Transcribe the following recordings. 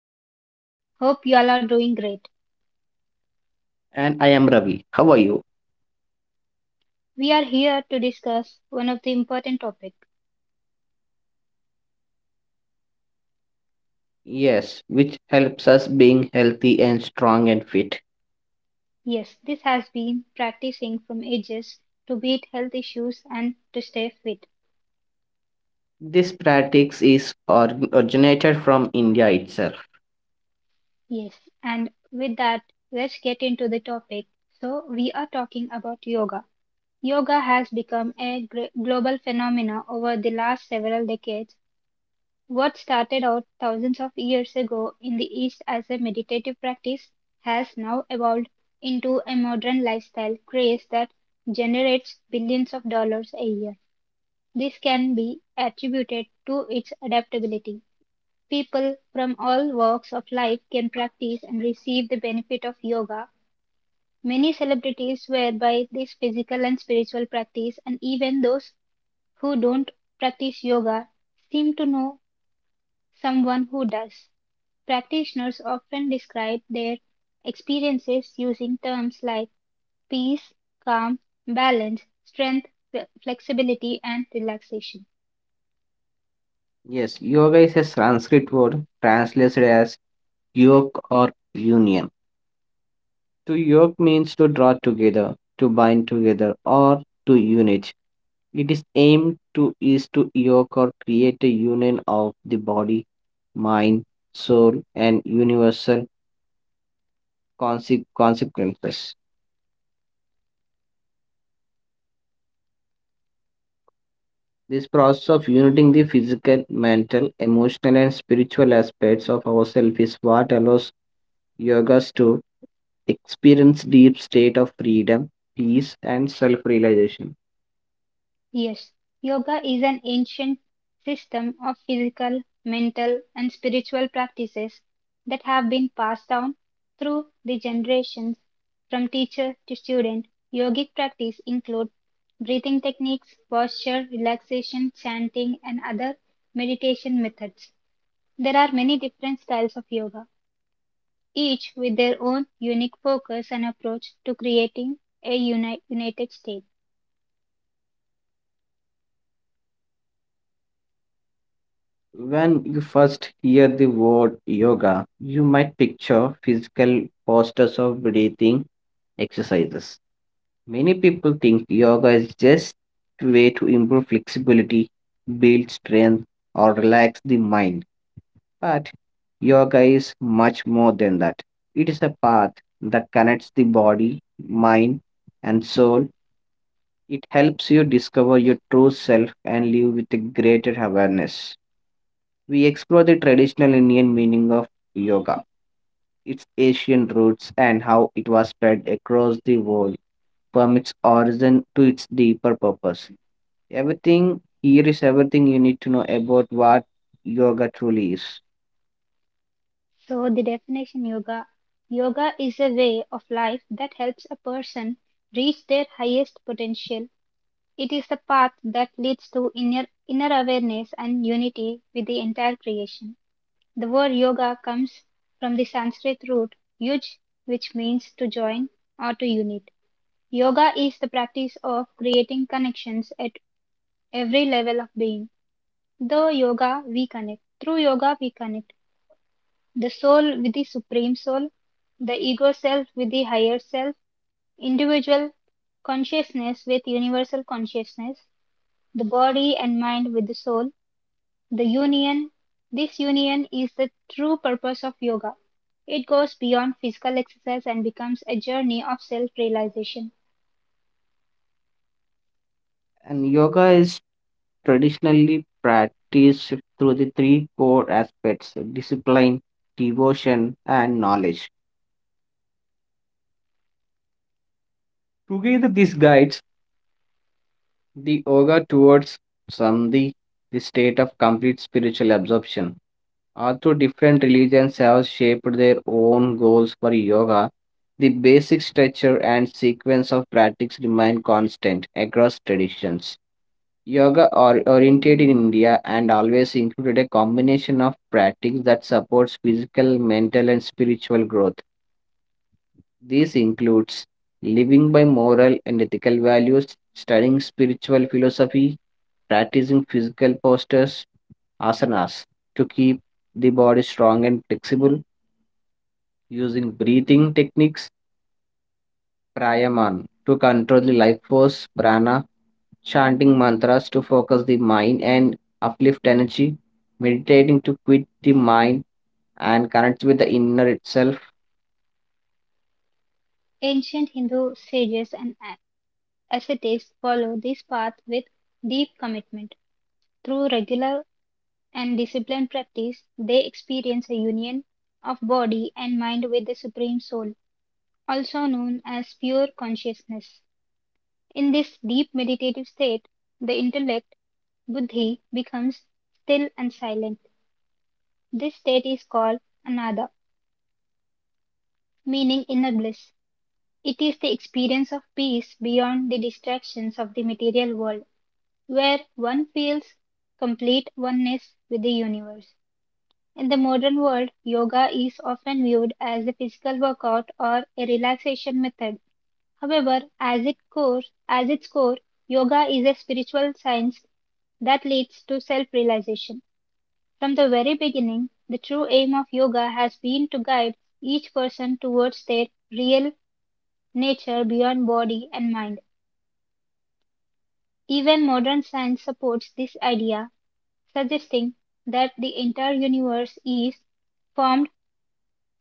I'm Gitu. Hope you all are doing great. And I am Ravi. How are you? We are here to discuss one of the important topic. Yes, which helps us being healthy and strong and fit. Yes, this has been practicing from ages to beat health issues and to stay fit. This practice is originated from India itself. Yes, and with that, let's get into the topic. So, we are talking about yoga. Yoga has become a global phenomena over the last several decades. What started out thousands of years ago in the East as a meditative practice has now evolved into a modern lifestyle craze that generates billions of dollars a year. This can be attributed to its adaptability. People from all walks of life can practice and receive the benefit of yoga. Many celebrities swear by this physical and spiritual practice, and even those who don't practice yoga seem to know someone who does. Practitioners often describe their experiences using terms like peace, calm, balance, strength, flexibility, and relaxation. Yes, yoga is a Sanskrit word translated as yoke or union. To yoke means to draw together, to bind together, or to unite. It is aimed to is to yoke or create a union of the body, mind, soul, and universal consequences. This process of uniting the physical, mental, emotional, and spiritual aspects of ourselves is what allows yogas to experience deep state of freedom, peace, and self-realization. Yes, yoga is an ancient system of physical, mental, and spiritual practices that have been passed down through the generations from teacher to student. Yogic practice include breathing techniques, posture, relaxation, chanting, and other meditation methods. There are many different styles of yoga, each with their own unique focus and approach to creating a united state. When you first hear the word yoga, you might picture physical postures of breathing exercises. Many people think yoga is just a way to improve flexibility, build strength, or relax the mind. But yoga is much more than that. It is a path that connects the body, mind, and soul. It helps you discover your true self and live with a greater awareness. We explore the traditional Indian meaning of yoga, its Asian roots, and how it was spread across the world from its origin to its deeper purpose. Everything here is everything you need to know about what yoga truly is. So, the definition yoga yoga is a way of life that helps a person reach their highest potential. It is the path that leads to inner awareness and unity with the entire creation. The word yoga comes from the Sanskrit root yuj, which means to join or to unite. Yoga is the practice of creating connections at every level of being. Through yoga we connect the soul with the supreme soul, the ego self with the higher self, individual consciousness with universal consciousness, the body and mind with the soul, the union. This union is the true purpose of yoga. It goes beyond physical exercise and becomes a journey of self realization. And yoga is traditionally practiced through the three core aspects discipline, devotion, and knowledge. Together, this guides the yoga towards samdhi, the state of complete spiritual absorption. Although different religions have shaped their own goals for yoga, the basic structure and sequence of practice remain constant across traditions. Yoga or oriented in India and always included a combination of practice that supports physical, mental, and spiritual growth. This includes living by moral and ethical values, studying spiritual philosophy, practicing physical postures, asanas, to keep the body strong and flexible, using breathing techniques, pranayama, to control the life force, prana, chanting mantras to focus the mind and uplift energy, meditating to quit the mind and connect with the inner itself. Ancient Hindu sages and Athletes follow this path with deep commitment. Through regular and disciplined practice, they experience a union of body and mind with the Supreme Soul, also known as pure consciousness. In this deep meditative state, the intellect, buddhi, becomes still and silent. This state is called anada, meaning inner bliss. It is the experience of peace beyond the distractions of the material world, where one feels complete oneness with the universe. In the modern world, yoga is often viewed as a physical workout or a relaxation method. However, as its core, yoga is a spiritual science that leads to self realization. From the very beginning, the true aim of yoga has been to guide each person towards their real nature beyond body and mind. Even modern science supports this idea, suggesting that the entire universe is formed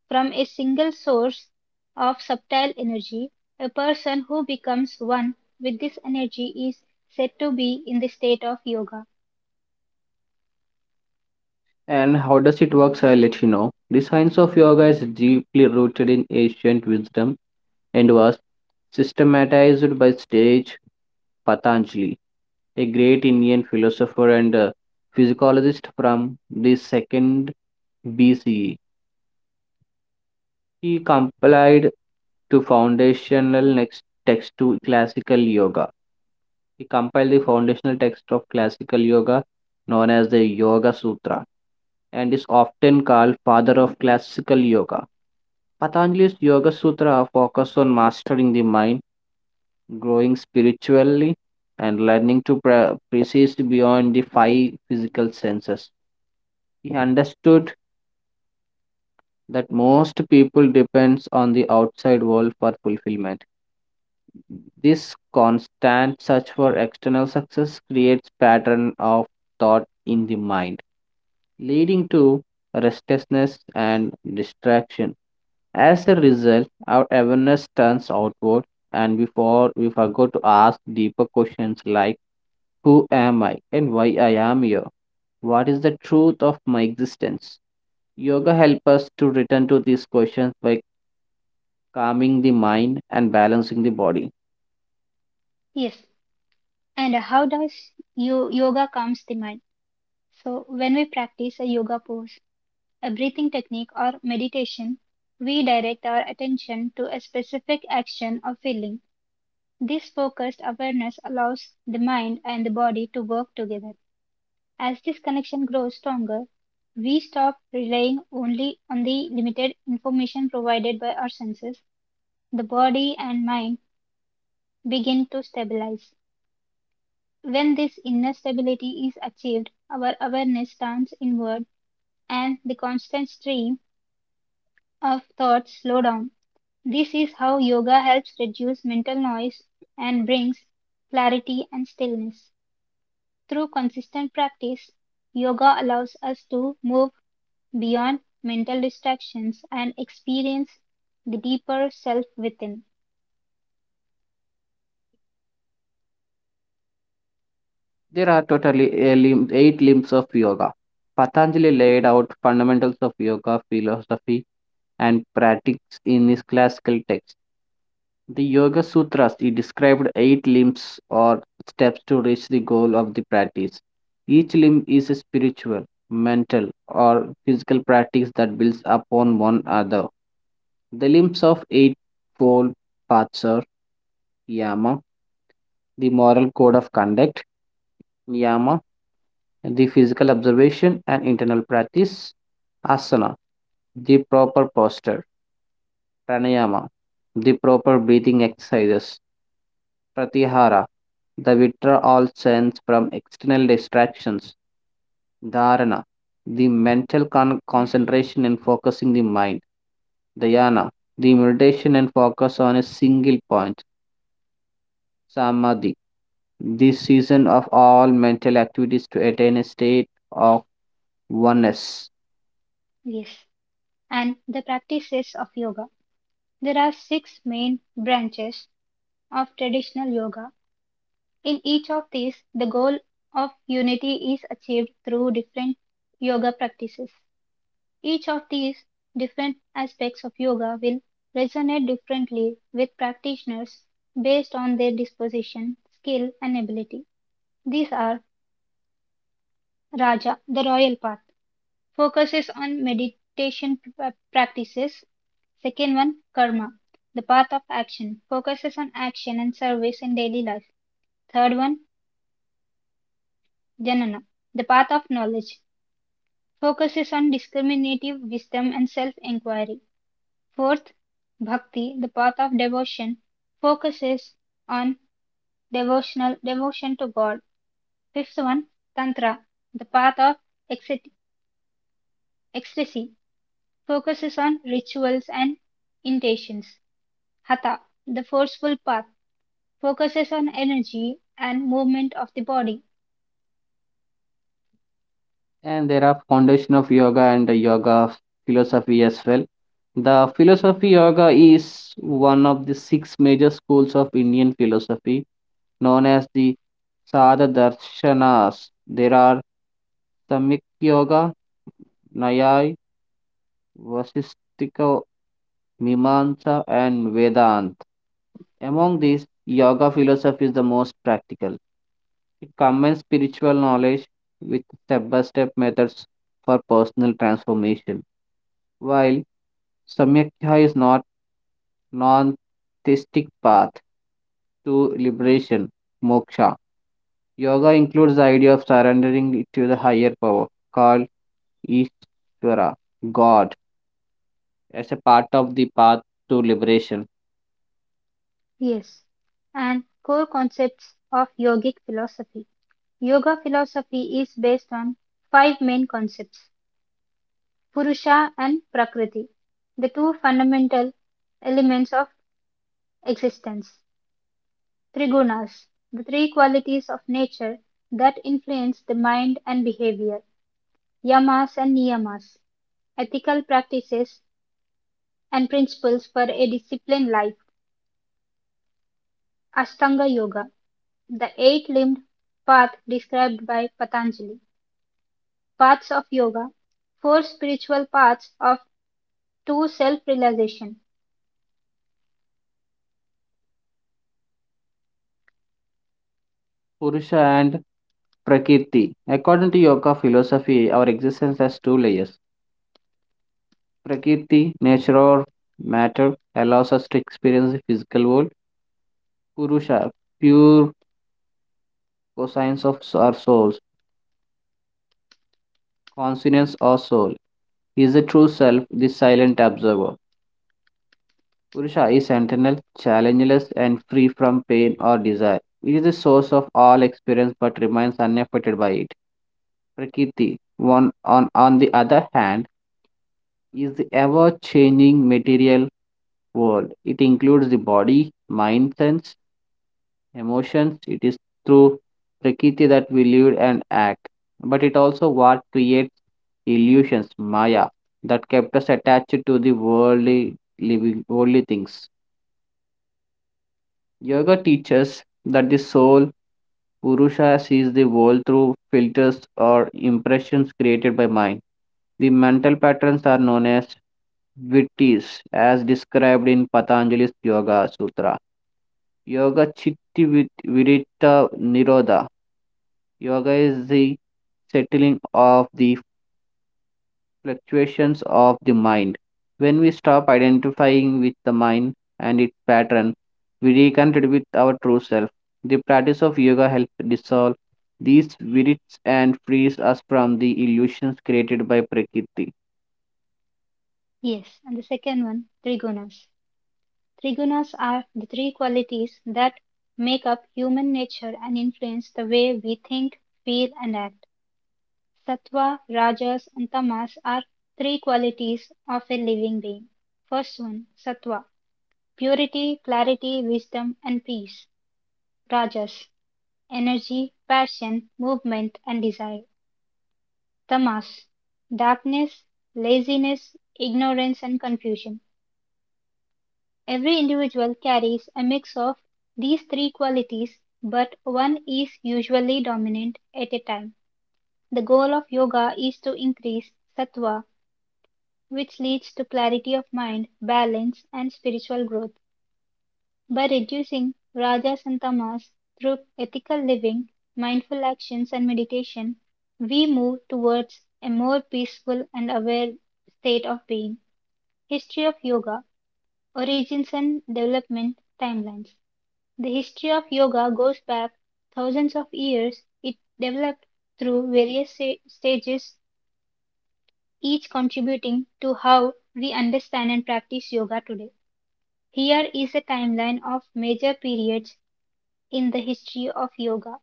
from a single source of subtle energy. A person who becomes one with this energy is said to be in the state of yoga. And how does it work? I'll let you know. The science of yoga is deeply rooted in ancient wisdom and was systematized by sage Patanjali, a great Indian philosopher and physiologist from the second BCE. He compiled to foundational next text to classical yoga. He compiled the foundational text of classical yoga known as the Yoga Sutra and is often called father of classical yoga. Patanjali's Yoga Sutra focus on mastering the mind, growing spiritually, and learning to precise beyond the five physical senses. He understood that most people depends on the outside world for fulfillment. This constant search for external success creates pattern of thought in the mind, leading to restlessness and distraction. As a result, our awareness turns outward, and before we forgot to ask deeper questions like who am I and why I am here? What is the truth of my existence? Yoga helps us to return to these questions by calming the mind and balancing the body. Yes. And how does yoga calms the mind? So, when we practice a yoga pose, a breathing technique, or meditation, we direct our attention to a specific action or feeling. This focused awareness allows the mind and the body to work together. As this connection grows stronger, we stop relying only on the limited information provided by our senses. The body and mind begin to stabilize. When this inner stability is achieved, our awareness turns inward and the constant stream of thoughts slow down. This is how yoga helps reduce mental noise and brings clarity and stillness. Through consistent practice, yoga allows us to move beyond mental distractions and experience the deeper self within. There are totally eight limbs of yoga. Patanjali laid out fundamentals of yoga philosophy and practice in his classical text. The Yoga Sutras, he described eight limbs or steps to reach the goal of the practice. Each limb is a spiritual, mental, or physical practice that builds upon one another. The limbs of eightfold paths are Yama, the moral code of conduct, Yama, the physical observation and internal practice, asana, the proper posture, pranayama, the proper breathing exercises, pratyahara, the withdrawal sense from external distractions, dharana, the mental concentration and focusing the mind, dhyana, the meditation and focus on a single point, samadhi, the season of all mental activities to attain a state of oneness. Yes. And the practices of yoga. There are six main branches of traditional yoga. In each of these, the goal of unity is achieved through different yoga practices. Each of these different aspects of yoga will resonate differently with practitioners based on their disposition, skill, and ability. These are Raja, the royal path, focuses on meditation practices. Second one, karma, the path of action, focuses on action and service in daily life. Third one, jnana, the path of knowledge, focuses on discriminative wisdom and self inquiry. Fourth, bhakti, the path of devotion, focuses on devotional devotion to God. Fifth one, tantra, the path of ecsta- ecstasy, focuses on rituals and intentions. Hatha, the forceful path, focuses on energy and movement of the body. And there are foundation of yoga and the yoga philosophy as well. The philosophy yoga is one of the six major schools of Indian philosophy known as the sada darshanas. There are samyak yoga, nyaya, vasistika, mimamsa, and Vedanta. Among these, yoga philosophy is the most practical. It combines spiritual knowledge with step by step methods for personal transformation. While Samyaktha is not non-theistic path to liberation, moksha, yoga includes the idea of surrendering to the higher power called Ishvara, God, as a part of the path to liberation. Yes. And core concepts of yogic philosophy. Yoga philosophy is based on five main concepts. Purusha and Prakriti, the two fundamental elements of existence. Trigunas, the three qualities of nature that influence the mind and behavior. Yamas and Niyamas, ethical practices and principles for a disciplined life. Ashtanga Yoga, the eight-limbed path described by Patanjali, paths of yoga, four spiritual paths of two self-realization. Purusha and Prakriti. According to yoga philosophy, our existence has two layers. Prakriti, nature or matter, allows us to experience the physical world. Purusha, pure coscience of our souls. Consonance or soul. He is the true self, the silent observer. Purusha is eternal, challengeless, and free from pain or desire. It is the source of all experience but remains unaffected by it. Prakriti, on the other hand, is the ever changing material world. It includes the body, mind, sense, emotions. It is through prakriti that we live and act, but it also what creates illusions, maya, that kept us attached to the worldly living, worldly things. Yoga teaches that the soul Purusha sees the world through filters or impressions created by mind. The mental patterns are known as vrittis, as described in Patanjali's Yoga Sutra. Yoga Chitti Viritta Nirodha. Yoga is the settling of the fluctuations of the mind. When we stop identifying with the mind and its pattern, we reconnect with our true self. The practice of yoga helps dissolve these spirits and frees us from the illusions created by Prakriti. Yes, and the second one, trigunas. Trigunas are the three qualities that make up human nature and influence the way we think, feel, and act. Sattva, Rajas, and Tamas are three qualities of a living being. First one, Sattva, purity, clarity, wisdom, and peace. Rajas, energy, passion, movement, and desire. Tamas, darkness, laziness, ignorance, and confusion. Every individual carries a mix of these three qualities, but one is usually dominant at a time. The goal of yoga is to increase sattva, which leads to clarity of mind, balance, and spiritual growth. By reducing rajas and tamas through ethical living, mindful actions, and meditation, we move towards a more peaceful and aware state of being. History of Yoga. Origins and Development Timelines. The history of yoga goes back thousands of years. It developed through various stages, each contributing to how we understand and practice yoga today. Here is a timeline of major periods in the history of yoga.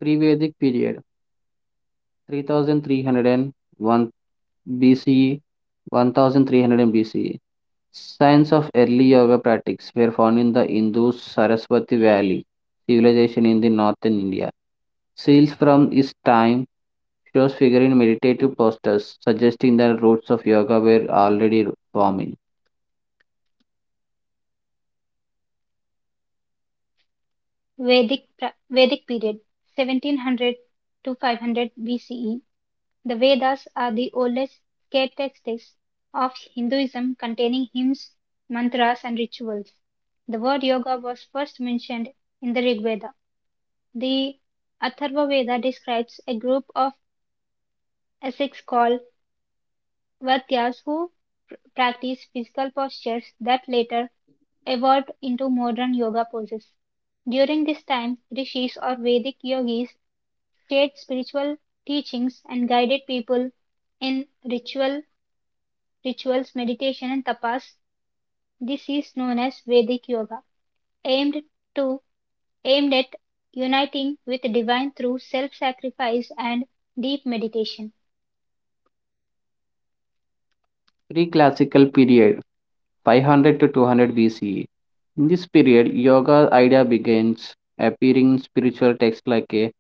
Pre-Vedic period, 3301 BCE 1300 BCE. Signs of early yoga practice were found in the Indus Saraswati Valley civilization in the northern India. Seals from this time shows figure in meditative postures, suggesting the roots of yoga were already forming. Vedic, Vedic period, 1700 to 500 BCE. The Vedas are the oldest sacred texts of Hinduism, containing hymns, mantras, and rituals. The word yoga was first mentioned in the Rig Veda. The Atharva Veda describes a group of ascetics called Vatyas who practice physical postures that later evolved into modern yoga poses. During this time, rishis or Vedic yogis shared spiritual teachings and guided people in rituals, meditation, and tapas. This is known as Vedic yoga, aimed to aimed at uniting with divine through self-sacrifice and deep meditation. Pre-classical period, 500 to 200 BCE. In this period, yoga idea begins appearing in spiritual texts like a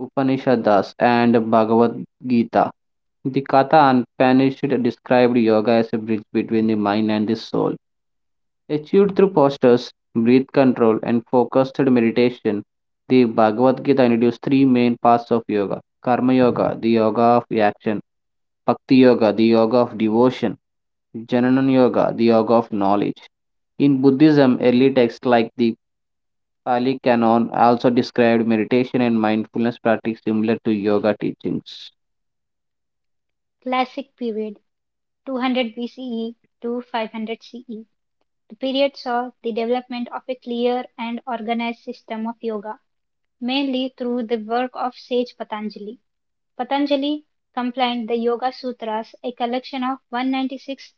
Upanishads and Bhagavad Gita. The Katha Upanishad described yoga as a bridge between the mind and the soul. Achieved through postures, breath control, and focused meditation, the Bhagavad Gita introduces three main paths of yoga: Karma Yoga, the yoga of action, Bhakti Yoga, the yoga of devotion, Jnana Yoga, the yoga of knowledge. In Buddhism, early texts like the Pali Canon also described meditation and mindfulness practice similar to yoga teachings. Classic period, 200 BCE to 500 CE. The period saw the development of a clear and organized system of yoga, mainly through the work of sage Patanjali. Patanjali compiled the Yoga Sutras, a collection of 196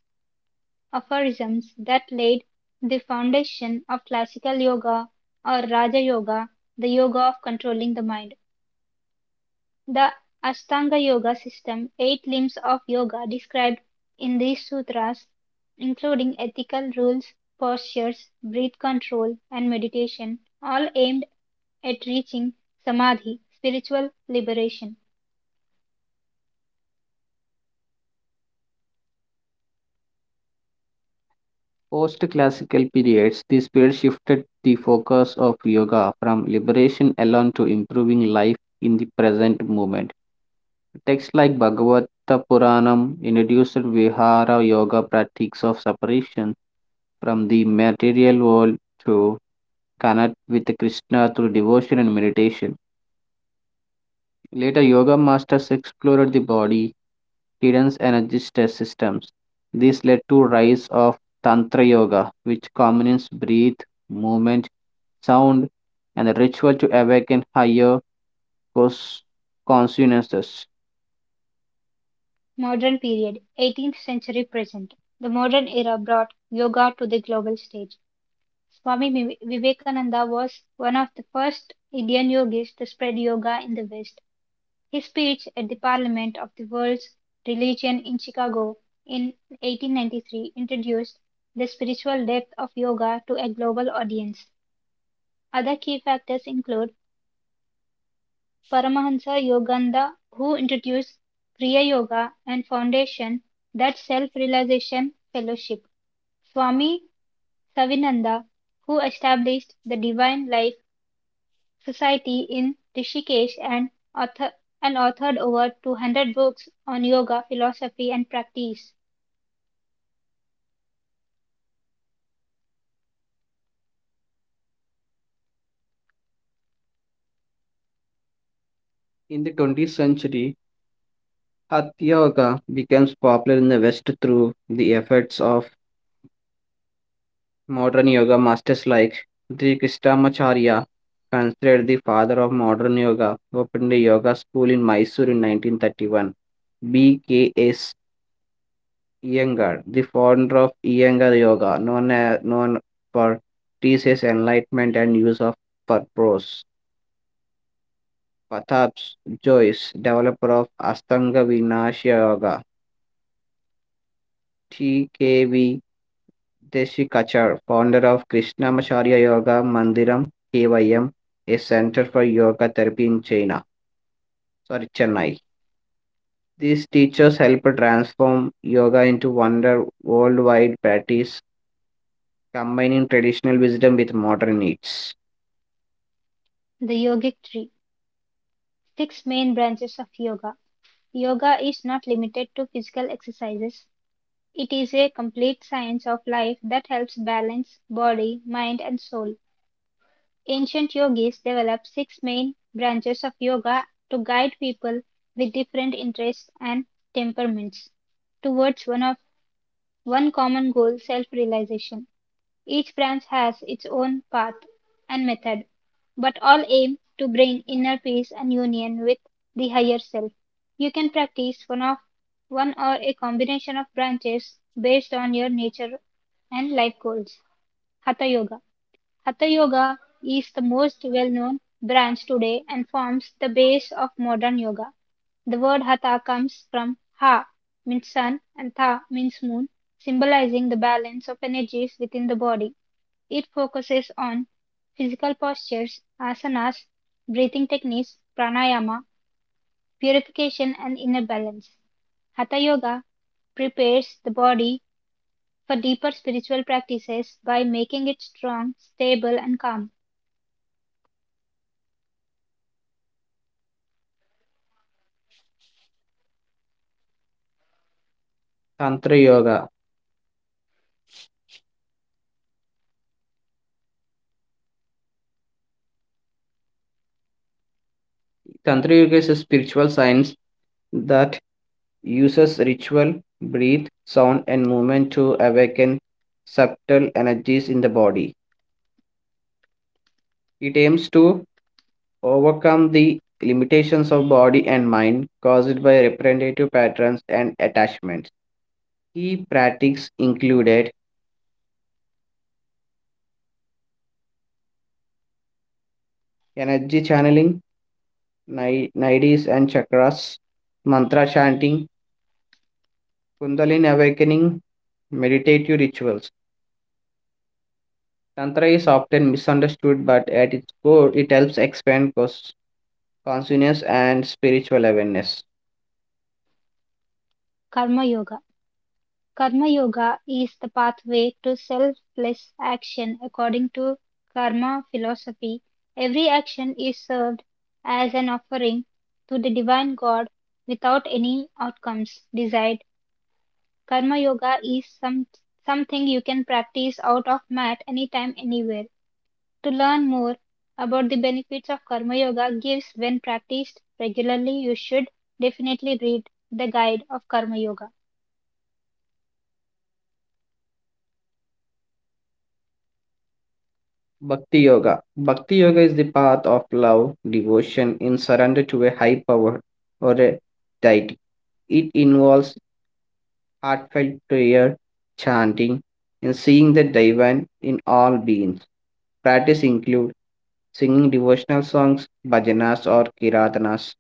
aphorisms that laid the foundation of classical yoga or Raja Yoga, the yoga of controlling the mind. The Ashtanga Yoga system, eight limbs of yoga described in these sutras, including ethical rules, postures, breath control, and meditation, all aimed at reaching samadhi, spiritual liberation. Post classical periods, this period shifted the focus of yoga from liberation alone to improving life in the present moment. Texts like Bhagavata Puranam introduced Vihara yoga practices of separation from the material world to connect with Krishna through devotion and meditation. Later, yoga masters explored the body, hidden energy stress systems. This led to rise of Tantra Yoga, which combines breath, movement, sound, and the ritual to awaken higher cos- consciousness. Modern period, 18th century present. The modern era brought yoga to the global stage. Swami Vivekananda was one of the first Indian yogis to spread yoga in the West. His speech at the Parliament of the World's Religion in Chicago in 1893 introduced the spiritual depth of yoga to a global audience. Other key factors include Paramahansa Yogananda, who introduced Kriya Yoga and foundation that self-realization fellowship. Swami Savinanda, who established the Divine Life Society in Rishikesh and authored over 200 books on yoga, philosophy, and practice. In the 20th century, Hatha Yoga becomes popular in the West through the efforts of modern yoga masters like Sri Krishnamacharya, considered the father of modern yoga, opened a yoga school in Mysore in 1931. B.K.S. Iyengar, the founder of Iyengar Yoga, known for teaches enlightenment and use of purpose. Pratap Joyce, developer of Astanga Vinasya Yoga, T.K.V. దేశికాచార్, founder of Krishnamacharya Yoga Mandiram KYM, a center for yoga therapy in China. Sorry, Chennai. These teachers help transform yoga into wonder worldwide practice, combining traditional wisdom with modern needs. The Yogic Tree. Six main branches of yoga. Yoga is not limited to physical exercises. It is a complete science of life that helps balance body, mind, and soul. Ancient yogis developed six main branches of yoga to guide people with different interests and temperaments towards one common goal, self realization. Each branch has its own path and method, but all aim to bring inner peace and union with the higher self. You can practice one or a combination of branches based on your nature and life goals. Hatha Yoga. Hatha Yoga is the most well-known branch today and forms the base of modern yoga. The word hatha comes from ha means sun and tha means moon, symbolizing the balance of energies within the body. It focuses on physical postures, asanas, breathing techniques, pranayama, purification, and inner balance. Hatha Yoga prepares the body for deeper spiritual practices by making it strong, stable, and calm. Tantra Yoga. Tantra Yoga is a spiritual science that uses ritual, breath, sound, and movement to awaken subtle energies in the body. It aims to overcome the limitations of body and mind caused by representative patterns and attachments. Key practices included energy channeling, nadis and chakras, mantra chanting, kundalini awakening, meditative rituals. Tantra is often misunderstood, but at its core, it helps expand consciousness and spiritual awareness. Karma Yoga. Karma Yoga is the pathway to selfless action according to Karma philosophy. Every action is served as an offering to the divine God without any outcomes desired. Karma Yoga is something you can practice out of mat anytime, anywhere. To learn more about the benefits of Karma Yoga gives when practiced regularly, you should definitely read the guide of Karma Yoga. Bhakti Yoga. Bhakti Yoga is the path of love, devotion, in surrender to a high power or a deity. It involves heartfelt prayer, chanting, and seeing the divine in all beings. Practice include singing devotional songs, bhajanas or kiratanas,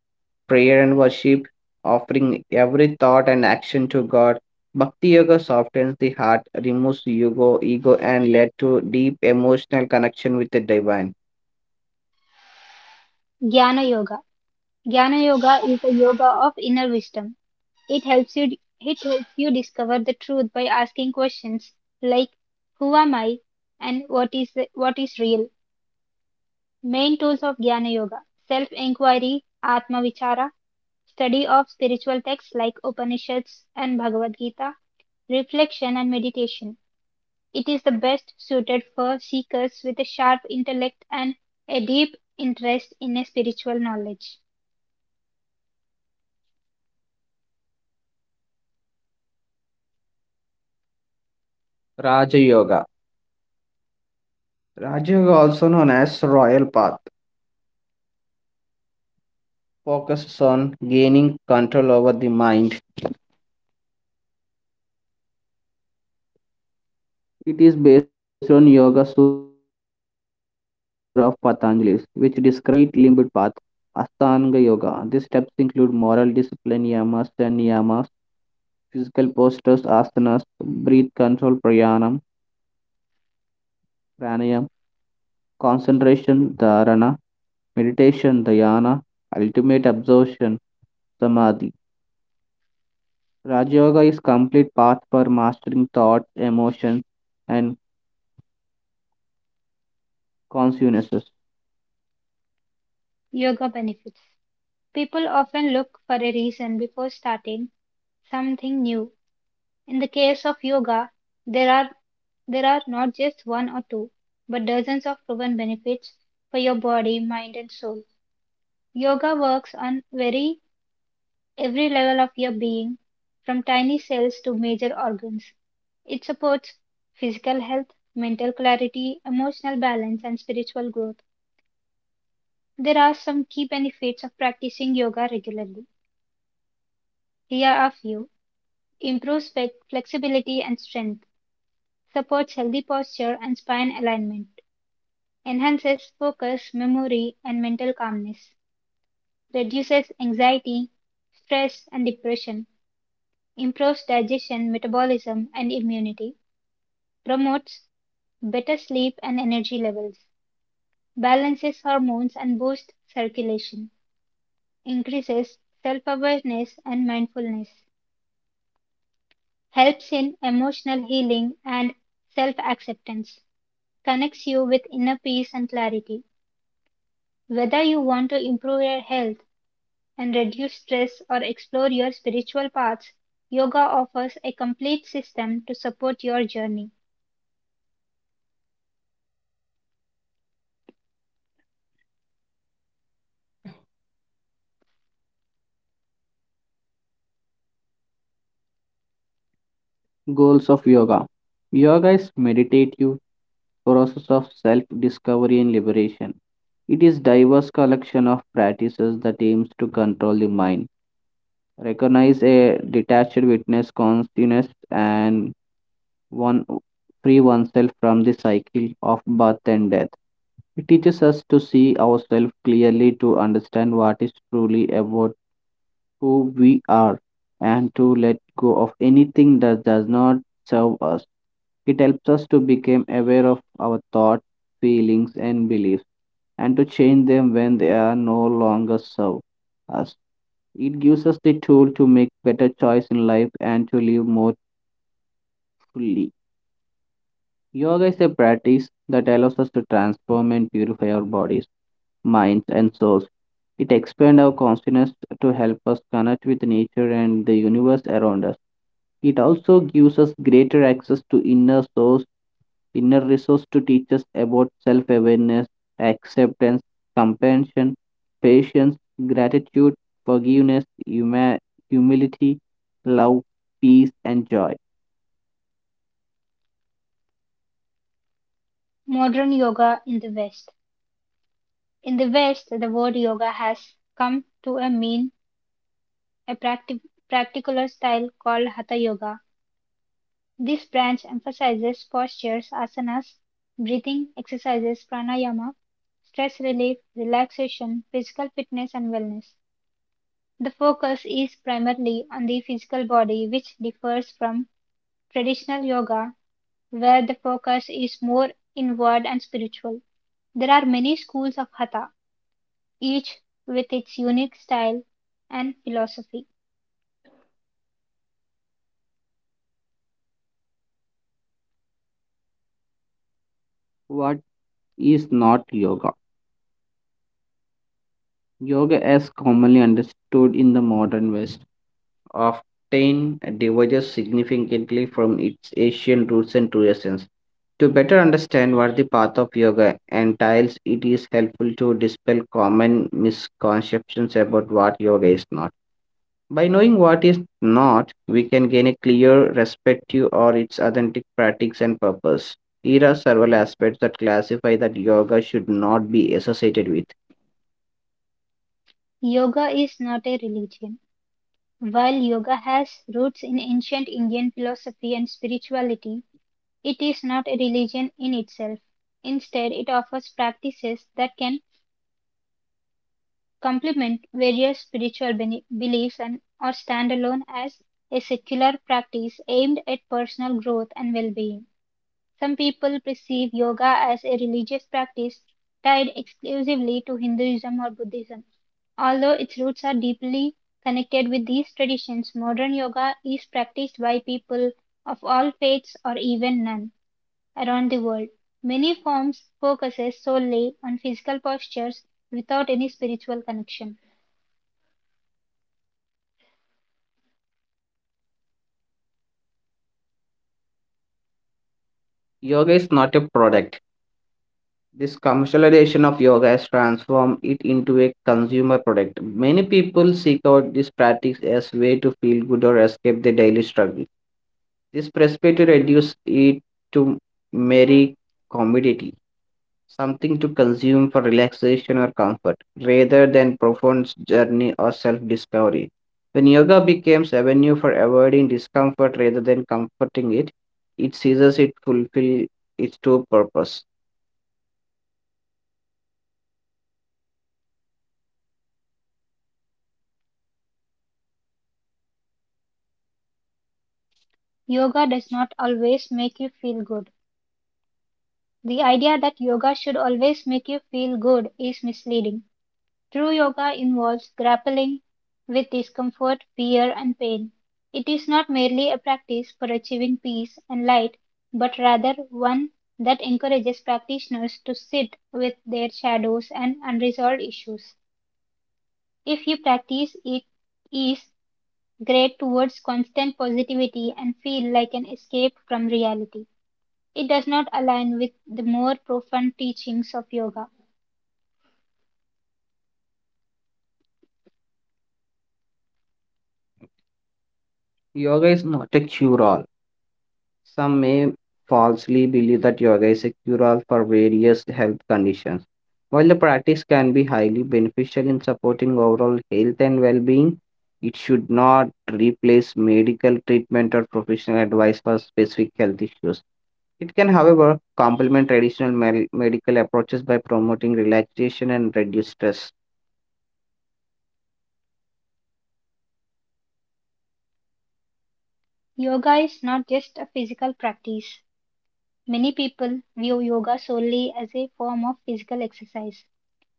prayer and worship, offering every thought and action to God. Bhakti Yoga softens the heart, removes ego and led to deep emotional connection with the divine. Jnana Yoga. Jnana Yoga is a yoga of inner wisdom. It helps you discover the truth by asking questions like who am I and what is real. Main tools of Jnana Yoga: self-inquiry, Atma Vichara, study of spiritual texts like Upanishads and Bhagavad Gita, reflection and meditation. It is the best suited for seekers with a sharp intellect and a deep interest in a spiritual knowledge. Rajayoga. Rajayoga, also known as Royal Path, focuses on gaining control over the mind. It is based on Yoga Sutra of Patanjali, which describes the eight limbed path Ashtanga Yoga. These steps include moral discipline, yamas and niyamas, physical postures, asanas, breath control, prayanam, pranayam, concentration, dharana, meditation, dhyana, ultimate absorption, samadhi. Raja Yoga is complete path for mastering thoughts, emotions, and consciousness. Yoga benefits. People often look for a reason before starting something new. In the case of yoga, there are there are not just one or two, but dozens of proven benefits for your body, mind and soul. Yoga works on very every level of your being, from tiny cells to major organs. It supports physical health, mental clarity, emotional balance and spiritual growth. There are some key benefits of practicing yoga regularly. Here are a few: improves flexibility and strength, supports healthy posture and spine alignment, enhances focus, memory, and mental calmness, reduces anxiety, stress, and depression, improves digestion, metabolism, and immunity, promotes better sleep and energy levels, balances hormones and boosts circulation, increases self awareness and mindfulness, helps in emotional healing and self acceptance, connects you with inner peace and clarity. Whether you want to improve your health and reduce stress or explore your spiritual paths, yoga offers a complete system to support your journey. Goals of yoga. Yoga is meditative process of self-discovery and liberation. It is diverse collection of practices that aims to control the mind, recognize a detached witness consciousness, and one free oneself from the cycle of birth and death. It teaches us to see ourselves clearly, to understand what is truly about who we are and to let go of anything that does not serve us. It helps us to become aware of our thoughts, feelings, and beliefs and to change them when they are no longer serve us. It gives us the tool to make better choice in life and to live more fully. Yoga is a practice that allows us to transform and purify our bodies, minds, and souls. It expands our consciousness to help us connect with nature and the universe around us. It also gives us greater access to inner source, inner resource to teach us about self awareness, acceptance, compassion, patience, gratitude, forgiveness, humility, love, peace, and joy. Modern yoga in the West. In the West, the word yoga has come to a mean a practical style called Hatha Yoga. This branch emphasizes postures, asanas, breathing exercises, pranayama, stress relief, relaxation, physical fitness, and wellness. The focus is primarily on the physical body, which differs from traditional yoga, where the focus is more inward and spiritual. There are many schools of hatha, each with its unique style and philosophy. What is not yoga? Yoga, as commonly understood in the modern West, often diverges significantly from its Asian roots and traditions. To better understand what the path of yoga entails, it is helpful to dispel common misconceptions about what yoga is not. By knowing what is not, we can gain a clear perspective or its authentic practice and purpose. Here are several aspects that classify that yoga should not be associated with. Yoga is not a religion. While yoga has roots in ancient Indian philosophy and spirituality, it is not a religion in itself. Instead, it offers practices that can complement various spiritual beliefs and or stand alone as a secular practice aimed at personal growth and well-being. Some people perceive yoga as a religious practice tied exclusively to Hinduism or Buddhism. Although its roots are deeply connected with these traditions, modern yoga is practiced by people of all faiths or even none around the world. Many forms focuses solely on physical postures without any spiritual connection. Yoga is not a product. This commercialization of yoga has transformed it into a consumer product. Many people seek out this practice as a way to feel good or escape their daily struggle. This perspective reduces it to merely commodity, something to consume for relaxation or comfort, rather than profound journey or self-discovery. When yoga becomes avenue for avoiding discomfort rather than comforting it, it ceases it fulfill its true purpose. Yoga does not always make you feel good. The idea that yoga should always make you feel good is misleading. True yoga involves grappling with discomfort, fear, and pain. It is not merely a practice for achieving peace and light, but rather one that encourages practitioners to sit with their shadows and unresolved issues. If you practice it is great towards constant positivity and feel like an escape from reality, it does not align with the more profound teachings of yoga. Yoga is not a cure-all. Some may falsely believe that yoga is a cure-all for various health conditions. While the practice can be highly beneficial in supporting overall health and well-being, it should not replace medical treatment or professional advice for specific health issues. It can, however, complement traditional medical approaches by promoting relaxation and reduce stress. Yoga is not just a physical practice. Many people view yoga solely as a form of physical exercise.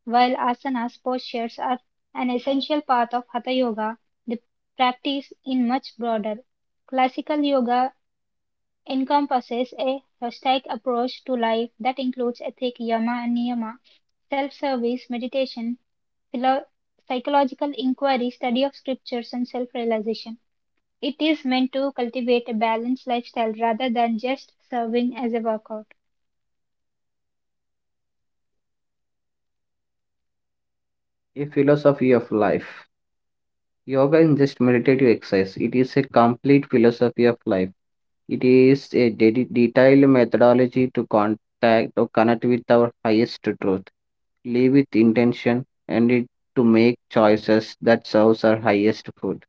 While asanas postures are an essential part of hatha yoga, the practice is much broader. Classical yoga encompasses a holistic approach to life that includes ethics, yama and niyama, self-service, meditation, philo- psychological inquiry, study of scriptures, and self-realization. It is meant to cultivate a balanced lifestyle rather than just serving as a workout. A philosophy of life. Yoga is just meditative exercise. It is a complete philosophy of life. It is a detailed methodology to contact or connect with our highest truth, live with intention, and it, to make choices that serves our highest good.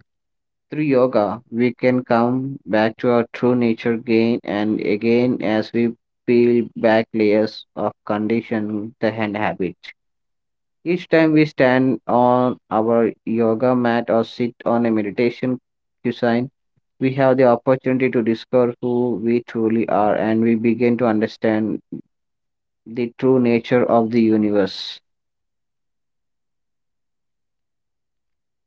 Through yoga, we can come back to our true nature again and again as we peel back layers of conditioning the hand habit. Each time we stand on our yoga mat or sit on a meditation cushion, we have the opportunity to discover who we truly are and we begin to understand the true nature of the universe.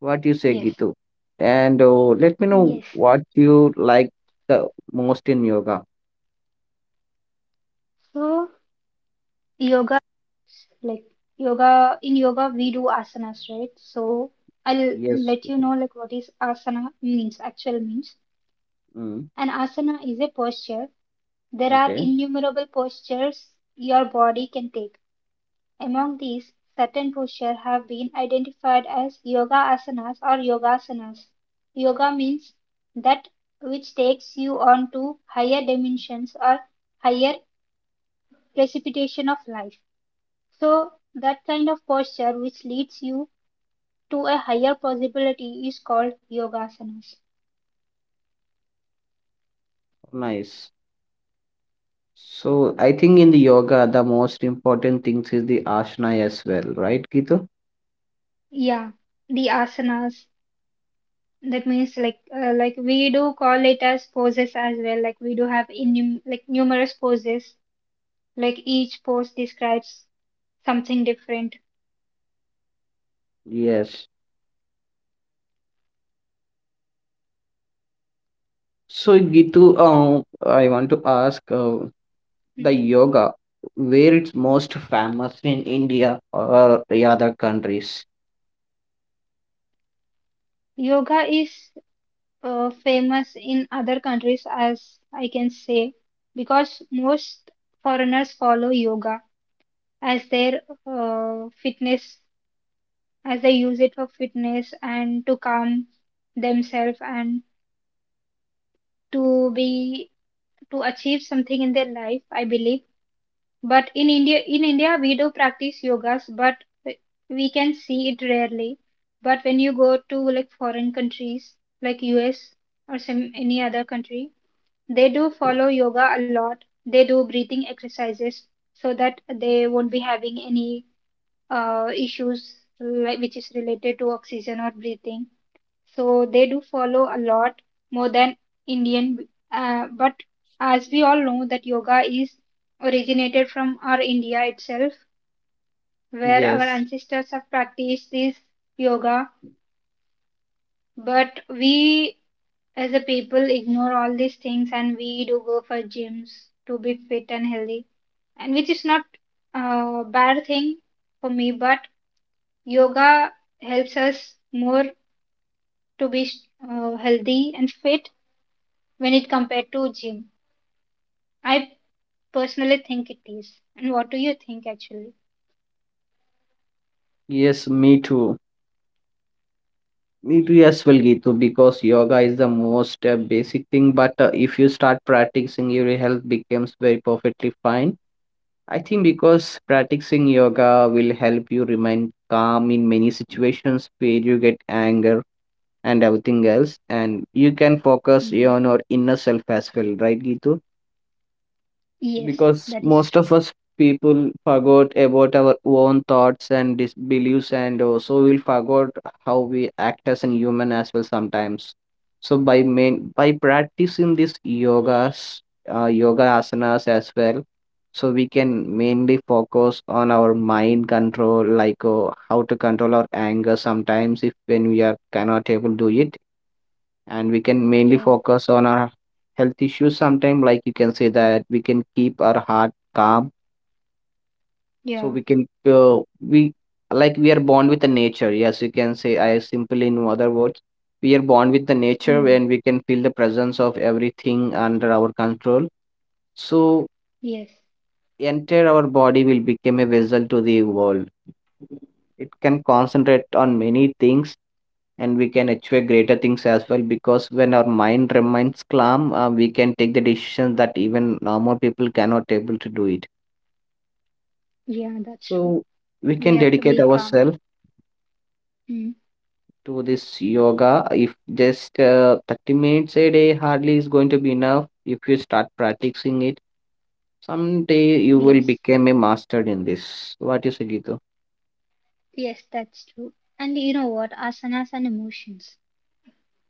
What do you say, Yes. Gitu? And Let me know Yes. what you like the most in yoga. So yoga, like yoga, in yoga we do asanas, right? So I'll Yes, let you Gitu. know like what is asana means, actual means. Mm, An asana is a posture. There are okay, innumerable postures your body can take. Among these, certain postures have been identified as yoga asanas or yogasanas. Yoga means that which takes you on to higher dimensions or higher precipitation of life. So that kind of posture which leads you to a higher possibility is called yogasanas. nice. So I think in the yoga, the most important things is the asana as well, right, Gitu? Yeah, the asanas, that means like we do call it as poses as well. Like we do have in like numerous poses. Like each pose describes something different. Yes. So, Gitu, I want to ask, the Hmm. yoga where it's most famous in India or the other countries. Yoga is famous in other countries as I can say, because most foreigners follow yoga as their fitness, as they use it for fitness and to calm themselves and to be to achieve something in their life, I believe. But in India, we do practice yogas, but we can see it rarely. But when you go to like foreign countries, like US or some any other country, they do follow yoga a lot. They do breathing exercises so that they won't be having any issues like which is related to oxygen or breathing. So they do follow a lot more than Indian. But as we all know that yoga is originated from our India itself, where our Yes, ancestors have practiced this yoga. But we as a people ignore all these things and we do go for gyms to be fit and healthy. And which is not a bad thing for me, but yoga helps us more to be healthy and fit when it compared to gym, I personally think it is. And what do you think actually? yes, me too, me too as well, Gitu, because yoga is the most basic thing, but if you start practicing your health becomes very perfectly fine. I think, because practicing yoga will help you remain calm in many situations where you get anger and everything else, and you can focus Hmm. on your inner self as well, right, Gitu? Yes, Because that is most true. of us people forgot about our own thoughts and beliefs, and also we'll forgot how we act as a human as well sometimes. So by main by practicing these yogas, yoga asanas as well, so we can mainly focus on our mind control, like how to control our anger sometimes if when we are cannot able to do it, and we can mainly Yeah, focus on our health issues sometime, like you can say that we can keep our heart calm. So yeah. we like we are born with the nature, yes you can say, I simply in other words, we are born with the nature Hmm. when we can feel the presence of everything under our control. So Yes. entire our body will become a vessel to the world. It can concentrate on many things, and we can achieve greater things as well, because when our mind remains calm, we can take the decisions that even normal people cannot able to do it. Yeah, that's true. So we We can have to dedicate be calm. ourselves Hmm. to this yoga if just 30 minutes a day hardly is going to be enough if you start practicing it. Someday you will Yes. become a master in this. What you say, Gitu? Yes, that's true. And you know what? Asanas and emotions.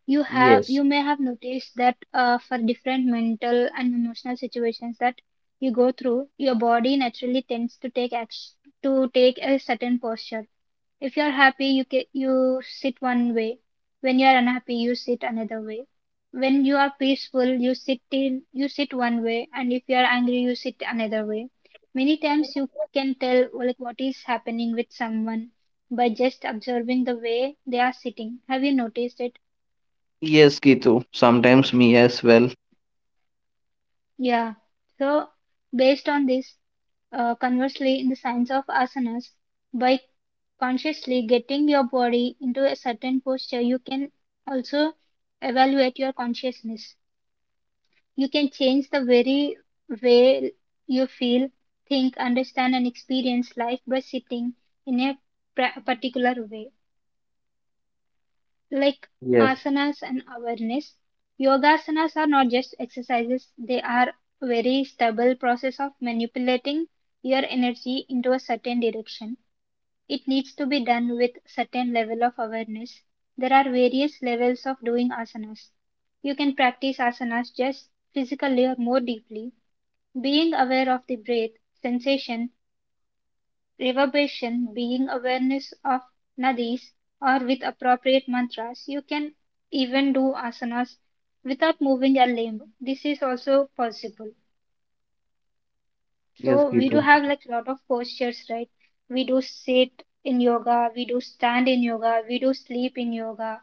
You have Yes, you may have noticed that for different mental and emotional situations that you go through, your body naturally tends to take action, to take a certain posture. If you're happy, you sit one way. When you're unhappy, you sit another way. When you are peaceful, you sit one way, and if you're angry, you sit another way. Many times you can tell like what is happening with someone by just observing the way they are sitting. Have you noticed it? yes, Gitu. Sometimes me as well. Yeah. So based on this, conversely, in the science of asanas, by consciously getting your body into a certain posture, you can also evaluate your consciousness. You can change the very way you feel, think, understand, and experience life by sitting in a particular way. Like Yes, asanas and awareness, yogasanas are not just exercises, they are very stable process of manipulating your energy into a certain direction. It needs to be done with certain level of awareness. There are various levels of doing asanas. You can practice asanas just physically or more deeply, being aware of the breath, sensation, reverberation, being awareness of nadis, or with appropriate mantras. You can even do asanas without moving a limb. This is also possible. yes, So we do Gitu. have like a lot of postures, right? We do sit in yoga, we do stand in yoga, we do sleep in yoga.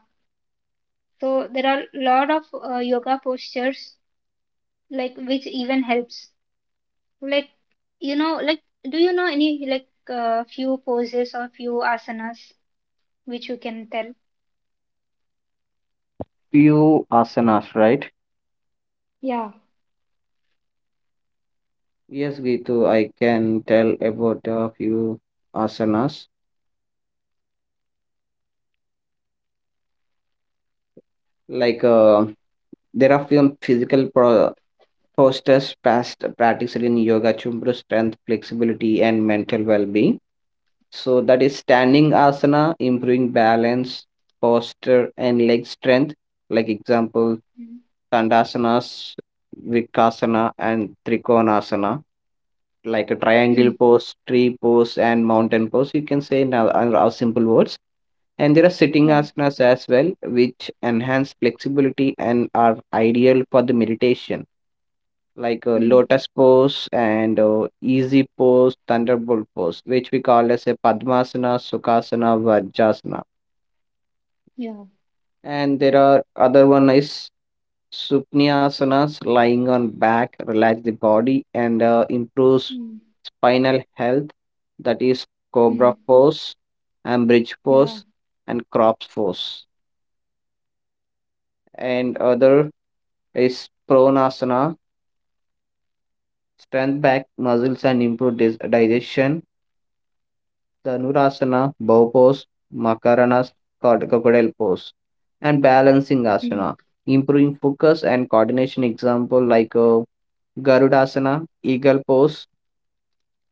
So there are a lot of yoga postures like which even helps. Like you know, like do you know any like few poses or few asanas which you can tell? Few asanas, right? Yeah. Yes, Gitu, I can tell about a few asanas. Like there are few physical postures past practiced in yoga to improve strength, flexibility, and mental well-being. So that is standing asana, improving balance, posture, and leg strength. Like example, Mm. Dandasana, Vikasana, and Trikonasana. Like a triangle Mm. pose, tree pose, and mountain pose. You can say in a simple words. And there are sitting Yeah. asanas as well, which enhance flexibility and are ideal for the meditation, like Mm. lotus pose and easy pose, thunderbolt pose, which we call as a Padmasana, Sukhasana, Vajrasana. Yeah. And there are other one is Supnyasanas, lying on back, relax the body and improves Mm. spinal health. That is Cobra Mm. pose, and bridge Yeah. pose, and crops pose, and other is pronasana, strength back muscles and improve digestion. The Dhanurasana, bow pose, makarana, crocodile pose, and balancing Mm. asana, improving focus and coordination. Example like garudasana, eagle pose,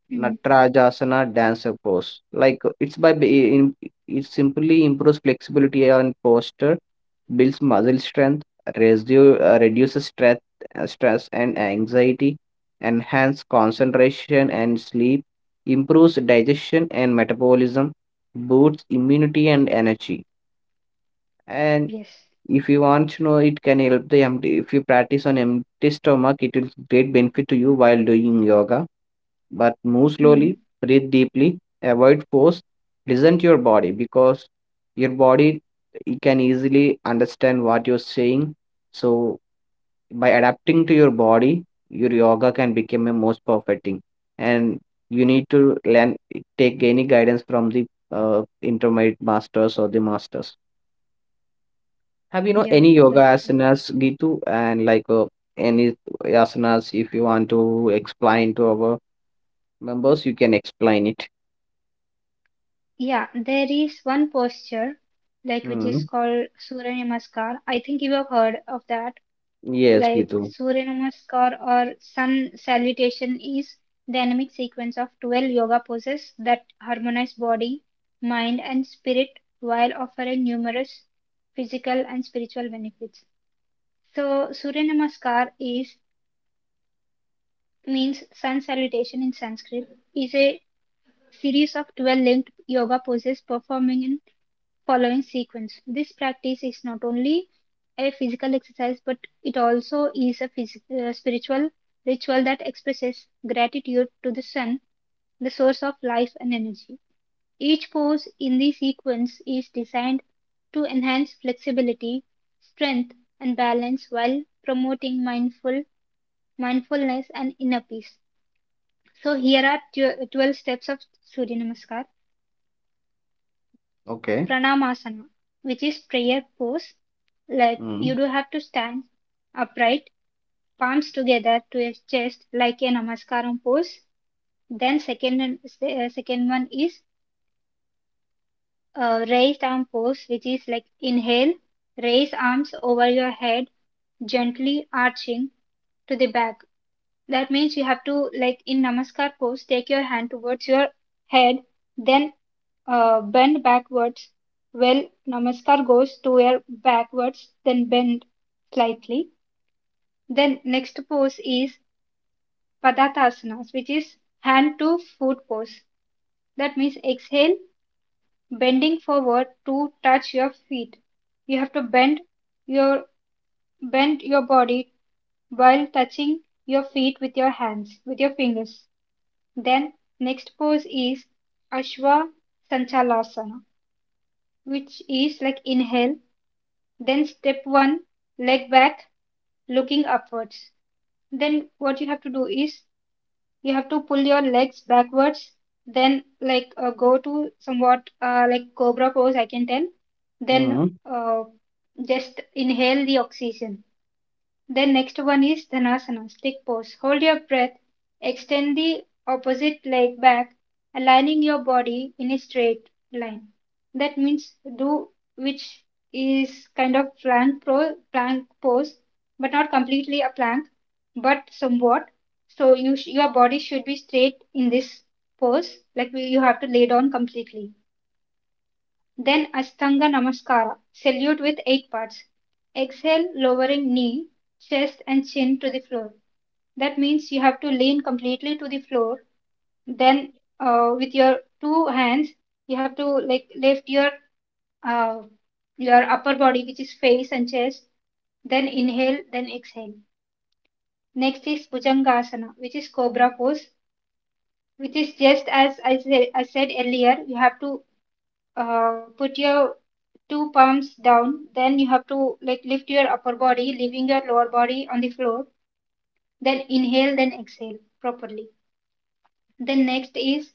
Mm. Natrajasana dancer pose. Like it's it simply improves flexibility and posture, builds muscle strength, reduces stress, stress and anxiety, enhance concentration and sleep, improves digestion and metabolism, boosts immunity and energy. And Yes. if you want to know, it can help the empty. If you practice on empty stomach, it will great benefit to you while doing yoga, but move slowly, Mm. breathe deeply, avoid force, listen to your body because your body it can easily understand what you're saying. So by adapting to your body, your yoga can become a most perfect thing. And you need to learn take any guidance from the intermediate masters or the masters. Have you know Yeah. any yoga That's true. asanas, Gitu, and like any asanas if you want to explain to our members, you can explain it. Yeah, there is one posture, like which Hmm. is called Surya Namaskar. I think you have heard of that. Yes, Like Gitu. Surya Namaskar or Sun Salutation is dynamic sequence of 12 yoga poses that harmonize body, mind, and spirit while offering numerous physical and spiritual benefits. So Surya Namaskar is means sun salutation in Sanskrit is a series of 12 linked yoga poses performing in following sequence. This practice is not only a physical exercise, but it also is a spiritual ritual that expresses gratitude to the sun, the source of life and energy. Each pose in the sequence is designed to enhance flexibility, strength, and balance while promoting mindfulness and inner peace. So here are 12 steps of Surya Namaskar. Okay. Pranamasana, which is prayer pose. Like you Mm. do have to stand upright, palms together to your chest, like a namaskaram pose. Then second second one is raised arm pose, which is like inhale, raise arms over your head, gently arching to the back. That means you have to, like in Namaskar pose, take your hand towards your head, then bend backwards. Well, Namaskar goes to your backwards, then bend slightly. Then next pose is Padatasanas, which is hand to foot pose. That means exhale, bending forward to touch your feet. You have to your bend your body while touching your feet with your hands, with your fingers. Then next pose is Ashwa Sanchalasana, which is like inhale, then step one, leg back, looking upwards. Then what you have to do is you have to pull your legs backwards, then like go to somewhat like cobra pose, I can tell. Then Mm. Just inhale the oxygen. Then next one is Dhanasana, stick pose. Hold your breath, extend the opposite leg back, aligning your body in a straight line. That means do which is kind of plank pose, but not completely a plank, but somewhat. So your body should be straight in this pose, like you have to lay down completely. Then Ashtanga Namaskara, salute with 8 parts. Exhale, lowering knee, chest, and chin to the floor. That means you have to lean completely to the floor. Then, with your two hands, you have to like lift uh, your upper body, which is face and chest. Then inhale, then exhale. Next is Bhujangasana, which is cobra pose, which is just as I said earlier. You have to put your two palms down. Then you have to like lift your upper body, leaving your lower body on the floor. Then inhale, then exhale properly. Then next is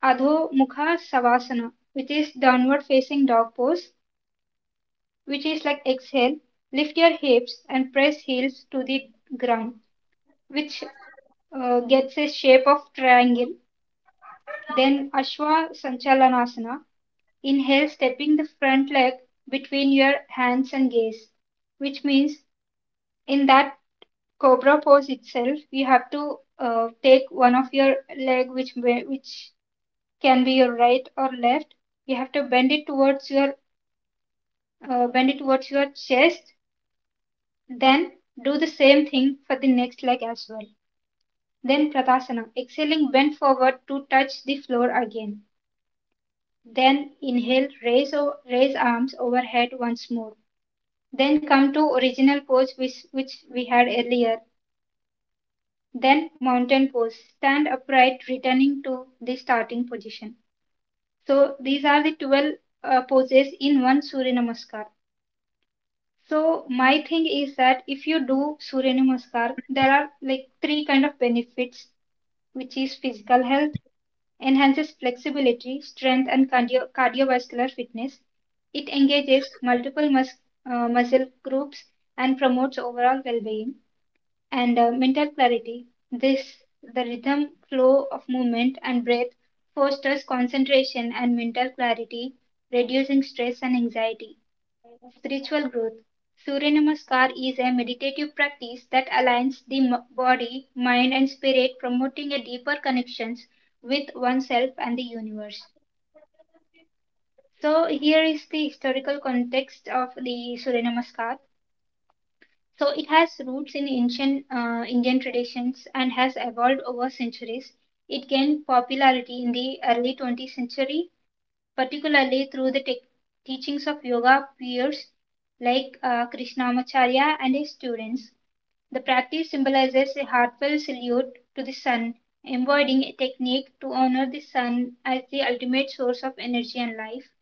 Adho Mukha Savasana, which is downward facing dog pose, which is like exhale. Lift your hips and press heels to the ground, which gets a shape of triangle. Then Ashwa Sanchalanasana. Inhale, stepping the front leg between your hands and gaze, which means in that cobra pose itself, we have to take one of your leg, which may, which can be your right or left. You have to bend it towards your chest. Then do the same thing for the next leg as well. Then Pratasana, exhaling, bend forward to touch the floor again. Then inhale, raise arms overhead once more. Then come to original pose which we had earlier, then mountain pose. Stand upright, returning to the starting position. So these are the 12 poses in one Surya Namaskar. So my thing is that if you do Surya Namaskar, there are like three kind of benefits, which is physical health, enhances flexibility, strength, and cardiovascular fitness. It engages multiple muscle groups and promotes overall well-being and mental clarity. This, the rhythm, flow of movement and breath, fosters concentration and mental clarity, reducing stress and anxiety. Spiritual growth. Surya Namaskar is a meditative practice that aligns the body, mind, and spirit, promoting a deeper connections with oneself and the universe. So, here is the historical context of the Surya Namaskar. So it has roots in ancient Indian traditions and has evolved over centuries. It gained popularity in the early 20th century, particularly through the teachings of yoga peers like Krishnamacharya and his students. The practice symbolizes a heartfelt salute to the sun, embodying a technique to honor the sun as the ultimate source of energy and life.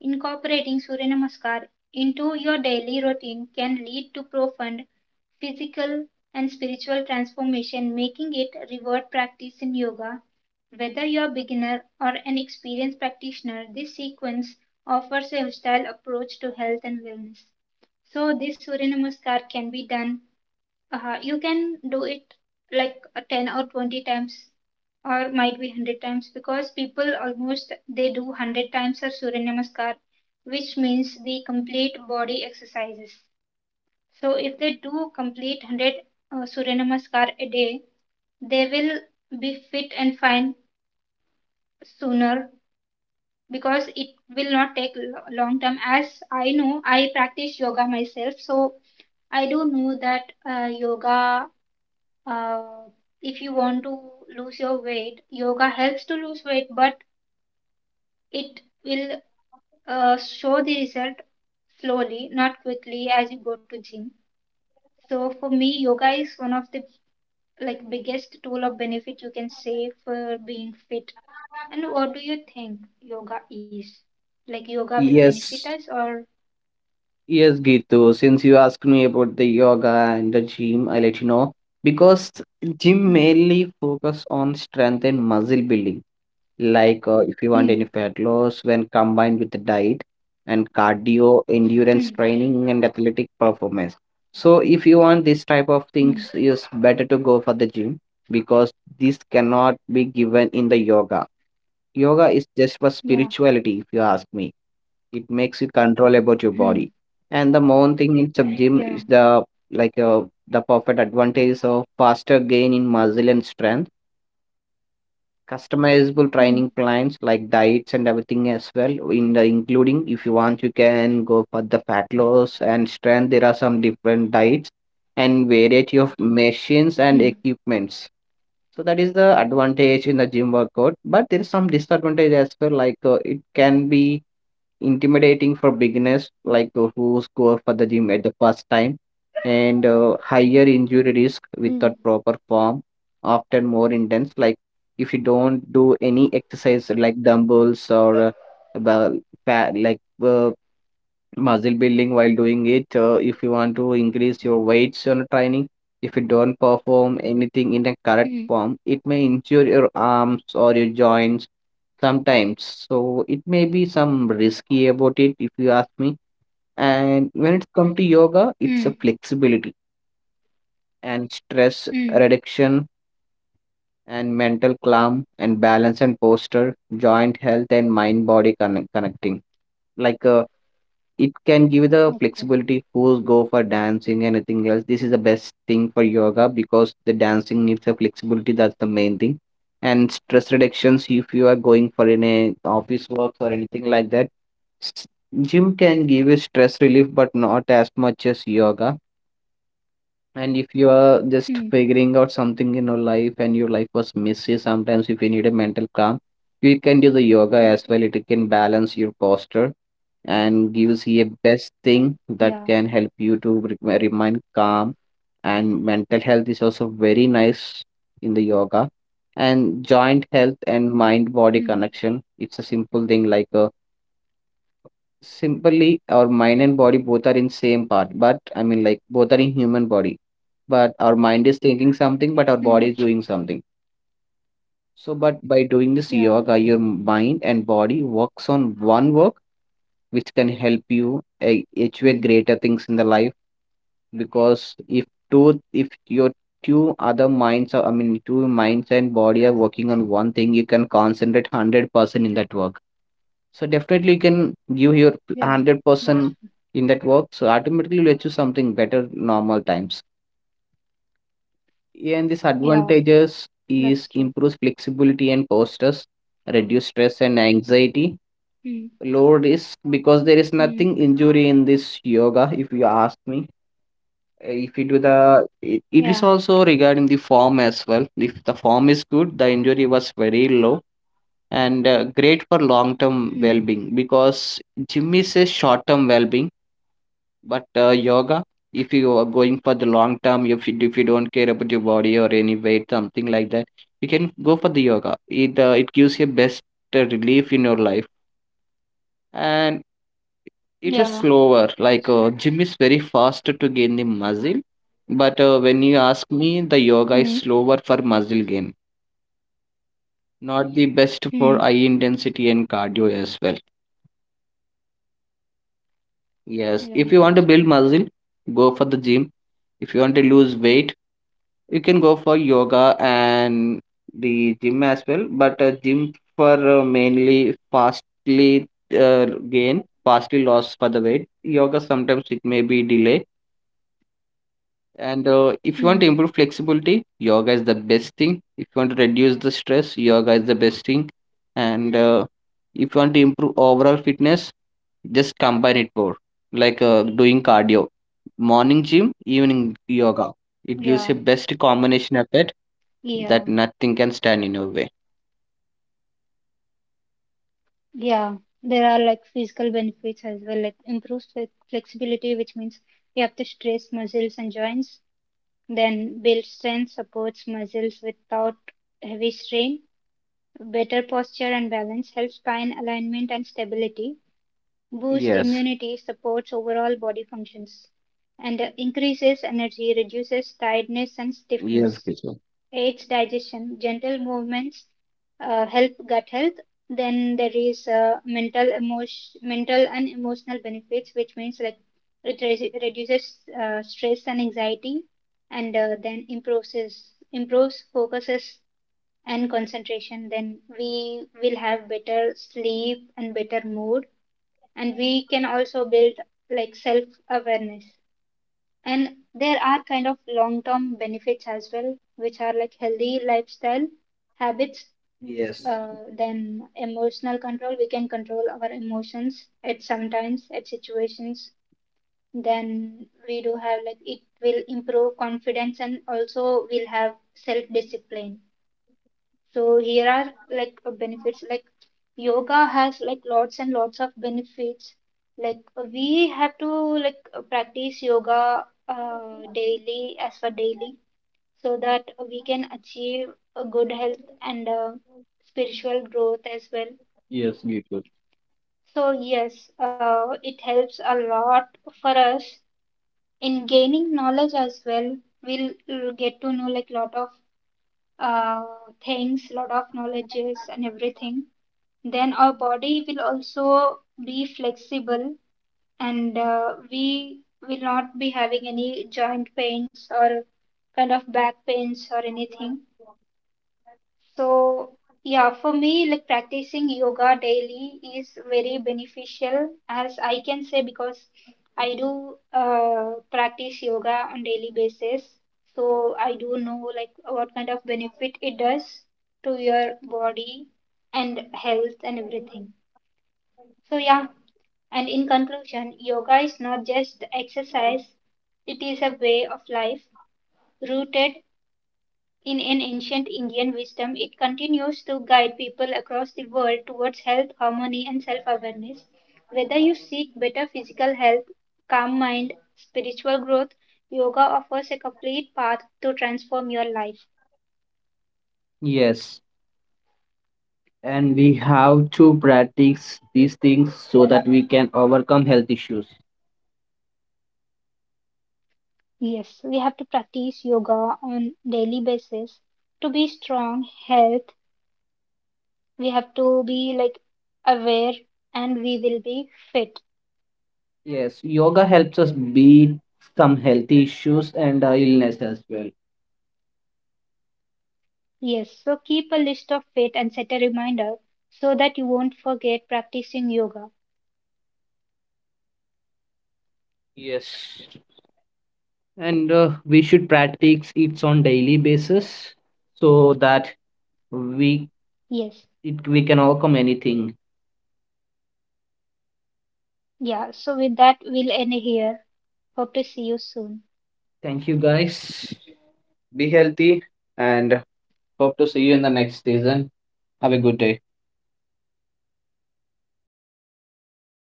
Incorporating Surya Namaskar into your daily routine can lead to profound physical and spiritual transformation, making it a revered practice in yoga. Whether you are a beginner or an experienced practitioner, this sequence offers a hostile approach to health and wellness. So, this Surya Namaskar can be done, you can do it like 10 or 20 times, or might be 100 times, because people almost they do 100 times of surya namaskar, which means the complete body exercises. So if they do complete 100 surya namaskar a day, they will be fit and fine sooner, because it will not take long time. As I know, I practice yoga myself, so I do know that yoga Uh, if you want to lose your weight, yoga helps to lose weight, but it will show the result slowly, not quickly as you go to gym. So for me, yoga is one of the like biggest tool of benefit, you can say, for being fit. And what do you think yoga is? Like yoga will benefit us Yes, or yes, Gitu. Since you asked me about the yoga and the gym, I let you know. Because gym Hmm. mainly focus on strength and muscle building. Like if you want Hmm. any fat loss, when combined with the diet and cardio, Hmm. endurance training, and athletic performance. So if you want this type Hmm. of things, it's better to go for the gym because this cannot be given in the yoga. Yoga is just for Yeah. spirituality, if you ask me. It makes you control Hmm. about your body. And the main thing in sub Yeah. gym is the like the perfect advantages of faster gain in muscle and strength, Hmm. customizable training plans like diets and everything as well. In the including, if you want, you can go for the fat loss and strength. There are some different diets and variety of Hmm. machines and equipments. So that is the advantage in the gym workout, but there is some disadvantage as well. Like it can be intimidating for beginners, like who go for the gym at the first time, and higher injury Hmm. risk without proper form, often more intense. Like if you don't do any exercise like dumbbells or well, like muscle building while doing it, if you want to increase your weights on training, if you don't perform anything in Hmm. a correct form it may injure your arms or your joints sometimes, so it may be some risky about it, if you ask me. And when it comes to Hmm. yoga, it's a flexibility and Hmm. stress reduction and mental calm and balance and posture joint health and mind body connecting, like it can give you the Okay. flexibility who's go for dancing, anything else. This is the best thing for yoga because the dancing needs a flexibility. That's the main thing. And stress reductions, if you are going for any office works or anything like that, s- gym can give you stress relief, but not as much as yoga. And if you are Hmm. just figuring out something in your life and your life was messy, sometimes if you need a mental calm, you can do the yoga as well. It can balance your posture and gives you a best thing Yeah. that can help you to remain calm, and mental health is also very nice in the yoga, and joint health and mind Hmm. body connection, it's a simple thing, like a simply our mind and body both are in same part, but I mean like both are in human body, but our mind is thinking something but our Hmm. body is doing something. So but by doing this Yeah. yoga your mind and body works on one work, which can help you Hmm. achieve greater things in the life. Because two if your two other minds are, I mean two minds and body are working on one thing, you can concentrate 100% in that work. So definitely you can give your Yeah, that's 100% true. in that work, so automatically you'll achieve something better normal times. And these Yeah, advantages that's is true. improves flexibility and postures, reduce stress and anxiety. Hmm. Low risk because there is Hmm. nothing injury in this yoga, if you ask me. If you do it is Yeah. also regarding the form as well. If the form is good, the injury was very low, and great for long term well Hmm. being because gym is a short term well being, but yoga, if you are going for the long term, if you don't care about your body or any weight, something like that, you can go for the yoga. It gives you best relief in your life. And it is Yeah, slower. Like that's true. gym is very fast to gain the muscle, but when you ask me, the yoga is Hmm. slower for muscle gain. Not the best for high Hmm. intensity and cardio as well. Yes, Yeah, if you want to that's build true. muscle, go for the gym. If you want to lose weight, you can go for yoga and the gym as well. But gym for mainly fastly uh, gain, fastly loss for the weight. Yoga sometimes it may be delay. And if you want Hmm. to improve flexibility, yoga is the best thing. If you want to reduce the stress, yoga is the best thing. And if you want to improve overall fitness, just combine it more, like doing cardio, morning gym, evening yoga. It gives a Yeah, best combination of it that yeah, nothing can stand in your way. yeah. There are like physical benefits as well, like improves flexibility, which means you have to stress muscles and joints, then build strength, supports muscles without heavy strain, better posture and balance, helps spine alignment and stability, boosts Yes. immunity, supports overall body functions, and increases energy, reduces tiredness and Yes, stiffness, Kishan. aids digestion, gentle movements help gut health. Then there is mental and emotional benefits, which means like it reduces stress and anxiety, and then improves focuses and concentration. Then we will have better sleep and better mood, and we can also build like self awareness, and there are kind of long term benefits as well, which are like healthy lifestyle habits, Yes. Then emotional control, we can control our emotions at sometimes at situations, then we do have like it will improve confidence, and also we'll have self discipline. So here are like benefits. Like yoga has like lots and lots of benefits. Like we have to like practice yoga daily as for daily, so that we can achieve a good health and spiritual growth as well. Yes, beautiful. So yes, it helps a lot for us in gaining knowledge as well. We'll get to know like lot of uh, things, lot of knowledges and everything. Then our body will also be flexible, and we will not be having any joint pains or kind of back pains or anything. So, yeah, for me, like practicing yoga daily is very beneficial, as I can say, because I do practice yoga on daily basis. So I do know like what kind of benefit it does to your body and health and everything. So, yeah, and in conclusion, yoga is not just exercise, it is a way of life rooted in an ancient Indian wisdom. It continues to guide people across the world towards health, harmony, and self awareness. Whether you seek better physical health, calm mind, spiritual growth, yoga offers a complete path to transform your life. Yes, and we have to practice these things so that we can overcome health issues. Yes, we have to practice yoga on daily basis to be strong, health. We have to be like aware, and we will be fit. Yes, yoga helps us beat some healthy issues and illness as well. Yes, so keep a list of it and set a reminder so that you won't forget practicing yoga. Yes, and we should practice it on daily basis so that we Yes, it, we can overcome anything. yeah, so with that, we'll end here. Hope to see you soon. Thank you guys. Be healthy and hope to see you in the next season. Have a good day.